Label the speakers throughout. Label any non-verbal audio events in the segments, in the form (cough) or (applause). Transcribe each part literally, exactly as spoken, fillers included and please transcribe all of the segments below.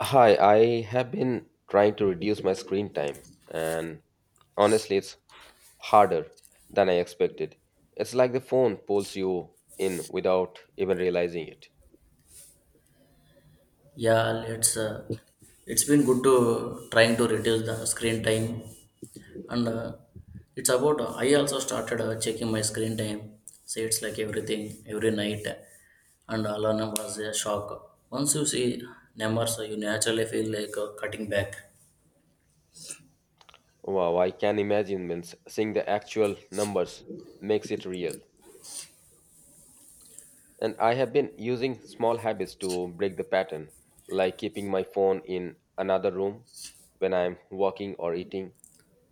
Speaker 1: Hi, I have been trying to reduce my screen time, and honestly, it's harder than I expected. It's like the phone pulls you in without even realizing it.
Speaker 2: Yeah, let's. Uh, it's been good to trying to reduce the screen time, and uh, it's about. I also started uh, checking my screen time. Say it's like everything every night, and alarm was a shock. Once you see numbers, you naturally feel like uh, cutting back.
Speaker 1: Wow, I can imagine means seeing the actual numbers makes it real. And I have been using small habits to break the pattern, like keeping my phone in another room when I'm walking or eating,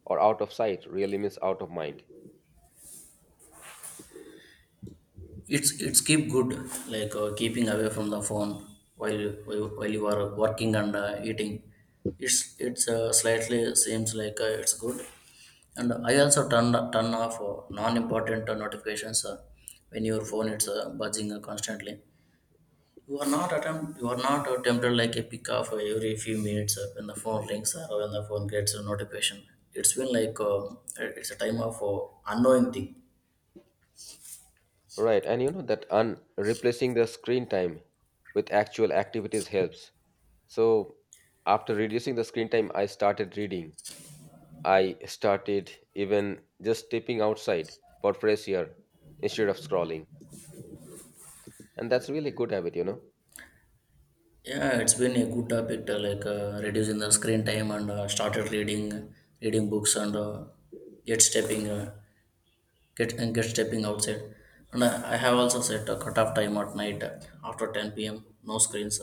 Speaker 1: or out of sight really means out of mind.
Speaker 2: It's it's keep good like uh, keeping away from the phone while you, while while you are working and uh, eating. It's it's uh, slightly seems like uh, it's good, and I also turn turn off uh, non-important uh, notifications uh, when your phone it's uh, buzzing uh, constantly. You are not attempt you are not uh, tempted like a pick off uh, every few minutes uh, when the phone rings uh, or when the phone gets a notification. It's been like uh, it's a time of uh, unknowing thing.
Speaker 1: Right, and you know that un- replacing the screen time with actual activities helps. So after reducing the screen time, I started reading. I started even just stepping outside for fresh air instead of scrolling. And that's really good habit, you know.
Speaker 2: Yeah, it's been a good topic uh, like uh, reducing the screen time and uh, started reading reading books and uh, yet stepping uh, get and get stepping outside. And I, I have also set a cutoff time at night, uh, after ten p m p.m, no screens.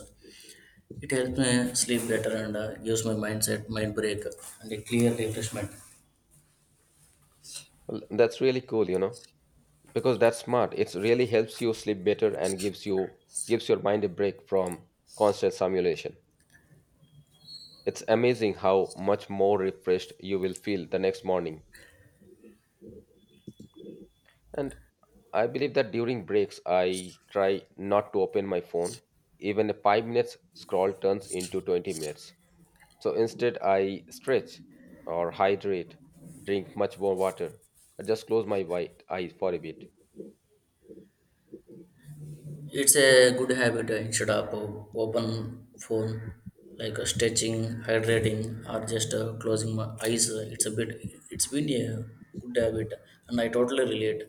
Speaker 2: It helps me sleep better and uh, gives my mindset mind break and a clear refreshment.
Speaker 1: Well, that's really cool, you know, because that's smart. It really helps you sleep better and gives you gives your mind a break from constant stimulation. It's amazing how much more refreshed you will feel the next morning. And I believe that during breaks, I try not to open my phone. Even a five minutes scroll turns into twenty minutes. So instead, I stretch or hydrate, drink much more water, or just close my white eyes for a bit.
Speaker 2: It's a good habit, uh, instead of uh, open phone, like uh, stretching, hydrating, or just uh, closing my eyes, uh, it's a bit. It's been a good habit, and I totally relate.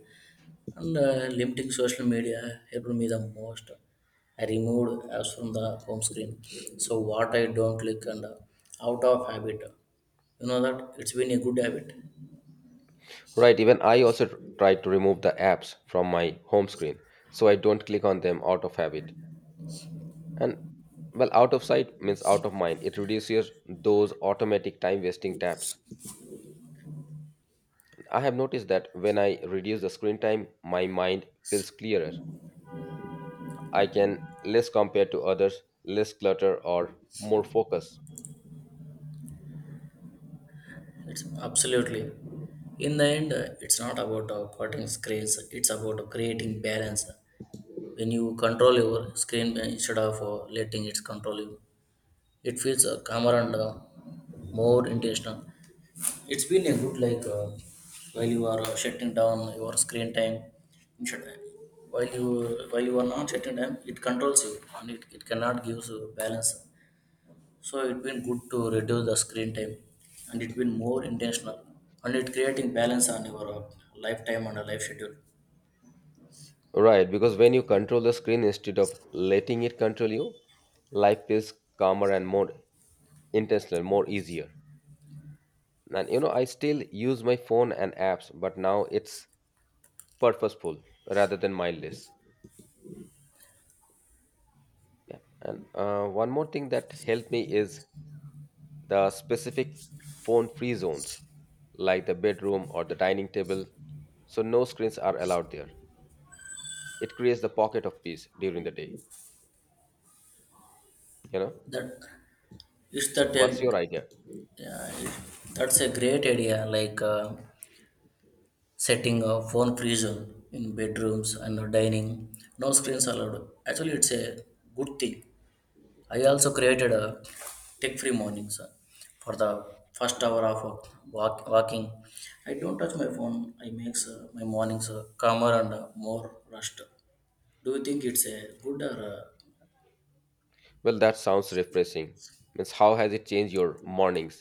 Speaker 2: And uh, limiting social media helped me the most. I removed apps from the home screen, so what I don't click, and uh, out of habit. You know that it's been a good habit.
Speaker 1: Right, even I also tr- try to remove the apps from my home screen so I don't click on them out of habit. And well, out of sight means out of mind. It reduces those automatic time wasting tabs. I have noticed that when I reduce the screen time, my mind feels clearer. I can less compare to others, less clutter, or more focus.
Speaker 2: It's absolutely. In the end, uh, it's not about uh, cutting screens. It's about creating balance. When you control your screen, uh, instead of uh, letting it control you, it feels uh, calmer and uh, more intentional. It's been a good, like, uh, while you are uh, shutting down your screen time. you should- While you while you are not shutting down, it controls you, and it, it cannot give you balance. So it's been good to reduce the screen time, and it's been more intentional, and it creating balance on your, uh, lifetime and a life schedule.
Speaker 1: Right, because when you control the screen instead of letting it control you, life feels calmer and more intentional, more easier. And you know, I still use my phone and apps, but now it's purposeful rather than mindless. Yeah. And uh, one more thing that helped me is the specific phone free zones, like the bedroom or the dining table, so no screens are allowed there. It creates the pocket of peace during the day, you know?
Speaker 2: That is
Speaker 1: So
Speaker 2: that
Speaker 1: what's
Speaker 2: a,
Speaker 1: your idea?
Speaker 2: yeah, it- that's a great idea. Like. Uh, setting a phone free zone in bedrooms and a dining. No screens allowed. Actually, it's a good thing. I also created a tech free mornings, uh, for the first hour of uh, walk, walking. I don't touch my phone. I makes uh, my mornings uh, calmer and uh, more rushed. Do you think it's a good or uh,
Speaker 1: Well, that sounds refreshing, means how has it changed your mornings?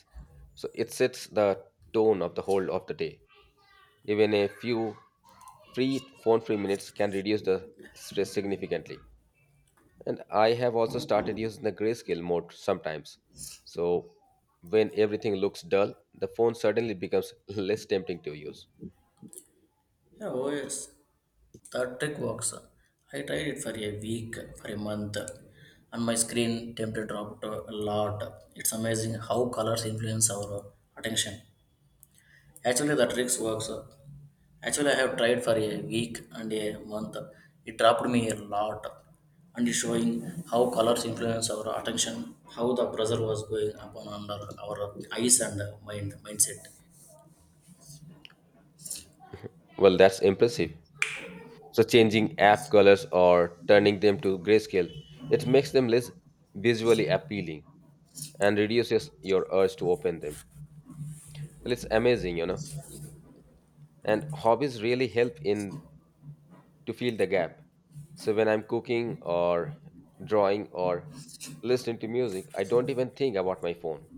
Speaker 1: So it sets the tone of the whole of the day. Even a few free phone free minutes can reduce the stress significantly. And I have also started using the grayscale mode sometimes. So when everything looks dull, the phone suddenly becomes (laughs) less tempting to use.
Speaker 2: yeah, oh yes. That trick works. I tried it for a week, for a month, and my screen temperature dropped a lot. It's amazing how colors influence our attention. Actually, the tricks works. Actually, I have tried for a week and a month. It dropped me a lot, and it's showing how colors influence our attention, how the pressure was going upon under our eyes and mind mindset.
Speaker 1: Well, that's impressive. So changing app colors or turning them to grayscale, it makes them less visually appealing and reduces your urge to open them. Well, it's amazing, you know. And hobbies really help in to fill the gap. So when I'm cooking or drawing or listening to music, I don't even think about my phone.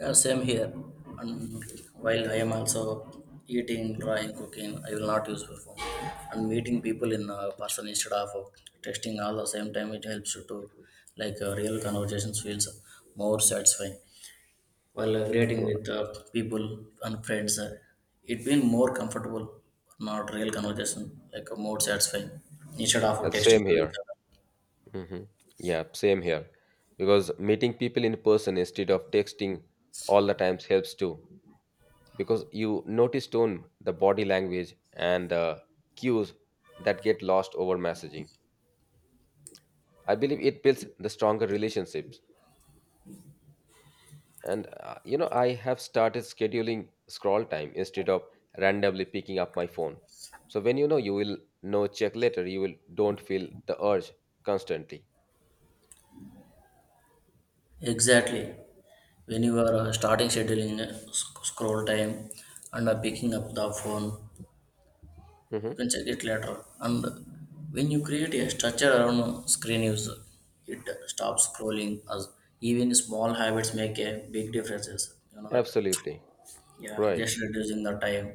Speaker 2: Yeah, same here. And while I am also eating, drawing, cooking, I will not use your phone. And meeting people in, uh, person instead of uh, texting all the same time, it helps you to, like, uh, real conversations feels more satisfying. While uh, creating
Speaker 1: Sure.
Speaker 2: with uh, people and friends, uh, it been more comfortable, not real conversation, like uh, more satisfying instead of
Speaker 1: Uh, Same
Speaker 2: texting to
Speaker 1: here.
Speaker 2: each other.
Speaker 1: hmm Yeah, same here. Because meeting people in person instead of texting all the times helps too. Because you notice tone, the body language, and the cues that get lost over messaging. I believe it builds the stronger relationships. And uh, you know, I have started scheduling scroll time instead of randomly picking up my phone. So when you know you will know check later, you will don't feel the urge constantly.
Speaker 2: Exactly. When you are uh, starting scheduling, uh, sc- scroll time and uh, picking up the phone, you
Speaker 1: hmm
Speaker 2: can check it later. And when you create a structure around screen use, it stops scrolling as even small habits make a big differences, you know that.
Speaker 1: Absolutely.
Speaker 2: Yeah,
Speaker 1: Right.
Speaker 2: just reducing the time,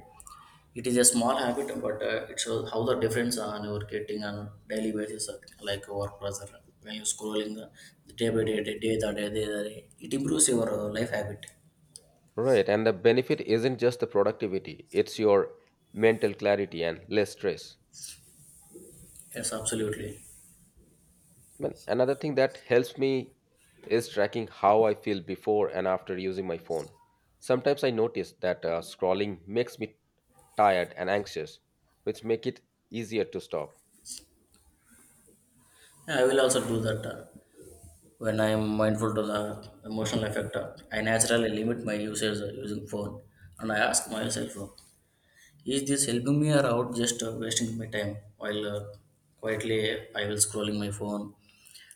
Speaker 2: it is a small habit, but uh, it shows how the difference on your getting on daily basis, uh, like work pressure, when you scrolling, uh, day by day day, day, by day, day, by day it improves your uh, life habit.
Speaker 1: Right. And the benefit isn't just the productivity, it's your mental clarity and less stress.
Speaker 2: Yes, absolutely.
Speaker 1: Well, another thing that helps me is tracking how I feel before and after using my phone. Sometimes I notice that uh, scrolling makes me tired and anxious, which make it easier to stop.
Speaker 2: Yeah, I will also do that, uh, when I am mindful to the emotional effect. uh, I naturally limit my usage, uh, using phone, and I ask myself, uh, is this helping me or out just uh, wasting my time? While uh, quietly I will scrolling my phone,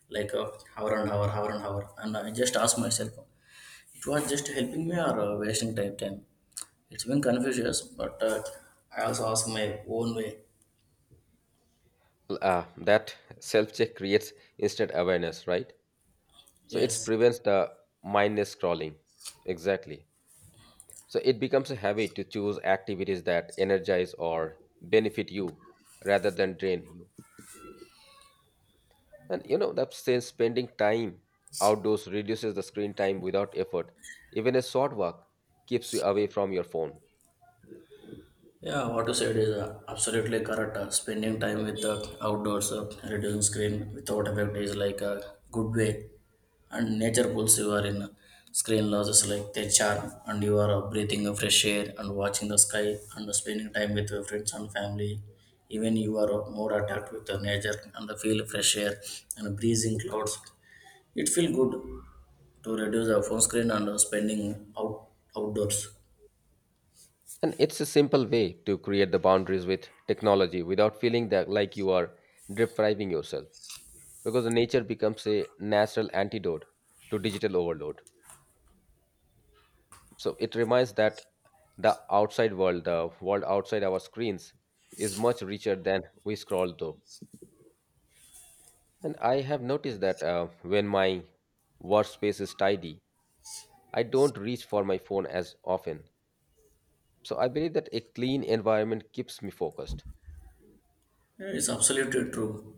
Speaker 2: like, uh, hour and hour, hour and hour, and I just ask myself, it was just helping me or uh, wasting time time. It's been confusing, but uh, I also ask my own way.
Speaker 1: L- Uh, that self check creates instant awareness, right? So it
Speaker 2: Yes.
Speaker 1: prevents the mindless scrolling. Exactly. So it becomes a habit to choose activities that energize or benefit you rather than drain you. And you know, that says spending time outdoors reduces the screen time without effort. Even a short walk keeps you away from your phone.
Speaker 2: Yeah, what you said is, uh, absolutely correct. Uh, spending time with the outdoors, uh, reducing screen without effect is like a good way. And nature pulls you are in, uh, screen losses like their charm, and you are uh, breathing uh, fresh air and watching the sky and spending time with your friends and family. Even you are uh, more attacked with the nature and the feel fresh air and breezing clouds. It feel good to reduce the phone screen and uh, spending out outdoors.
Speaker 1: And it's a simple way to create the boundaries with technology without feeling that like you are depriving yourself. Because the nature becomes a natural antidote to digital overload. So it reminds that the outside world, the world outside our screens, is much richer than we scroll through. And I have noticed that uh, when my workspace is tidy, I don't reach for my phone as often. So I believe that a clean environment keeps me focused.
Speaker 2: Yeah, it's absolutely true.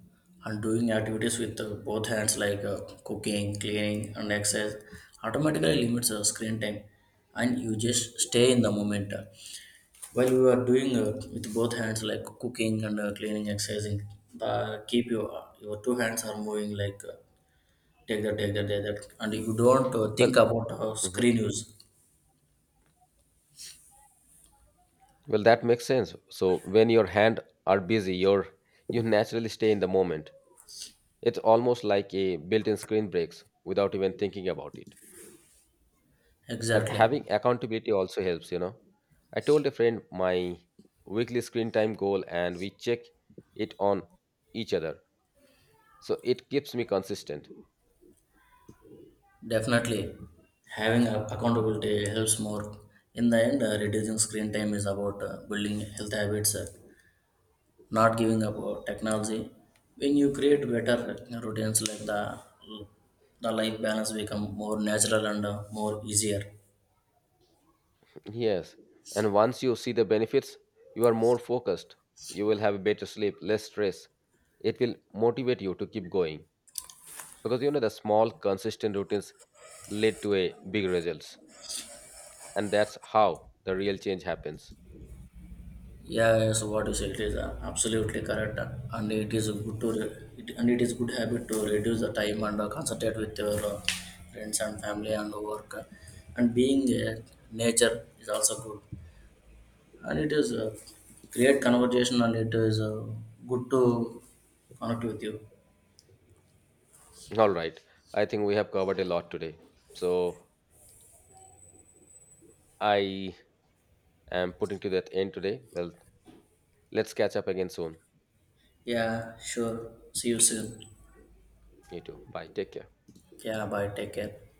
Speaker 2: And doing activities with, uh, both hands, like, uh, cooking, cleaning, and exercise, automatically limits uh, screen time, and you just stay in the moment. While you are doing, uh, with both hands, like cooking and uh, cleaning, exercising, the keep your your two hands are moving, like, uh, take that, take that, take that, and you don't uh,
Speaker 1: Well,
Speaker 2: think about uh,
Speaker 1: mhm.
Speaker 2: screen use.
Speaker 1: well, that makes sense. So when your hand are busy, you're, you naturally stay in the moment. It's almost like a built-in screen breaks without even thinking about it. And
Speaker 2: Exactly.
Speaker 1: having accountability also helps, you know. I told a friend my weekly screen time goal and we check it on each other, so it keeps me consistent.
Speaker 2: Definitely, having a- accountability helps more. In the end, uh, reducing screen time is about uh, building health habits, uh, not giving up uh, technology. When you create better uh, routines, like the the life balance become more natural and uh, more easier.
Speaker 1: Yes. And once you see the benefits, you are more focused. You will have better sleep, less stress. It will motivate you to keep going. Because you know the small consistent routines lead to a big results. And that's how the real change happens.
Speaker 2: Yeah, yes, what you said is uh, absolutely correct, uh, and it is good to re- it, and it is good habit to reduce the time and uh, concentrate with your, uh, friends and family and work, uh, and being uh, nature is also good. And it is a great conversation, and it is uh, good to connect with you.
Speaker 1: All right. I think we have covered a lot today. So I am putting to that end today. Well, let's catch up again soon.
Speaker 2: Yeah, sure. See you soon.
Speaker 1: You too. Bye. Take care.
Speaker 2: Yeah, bye. Take care.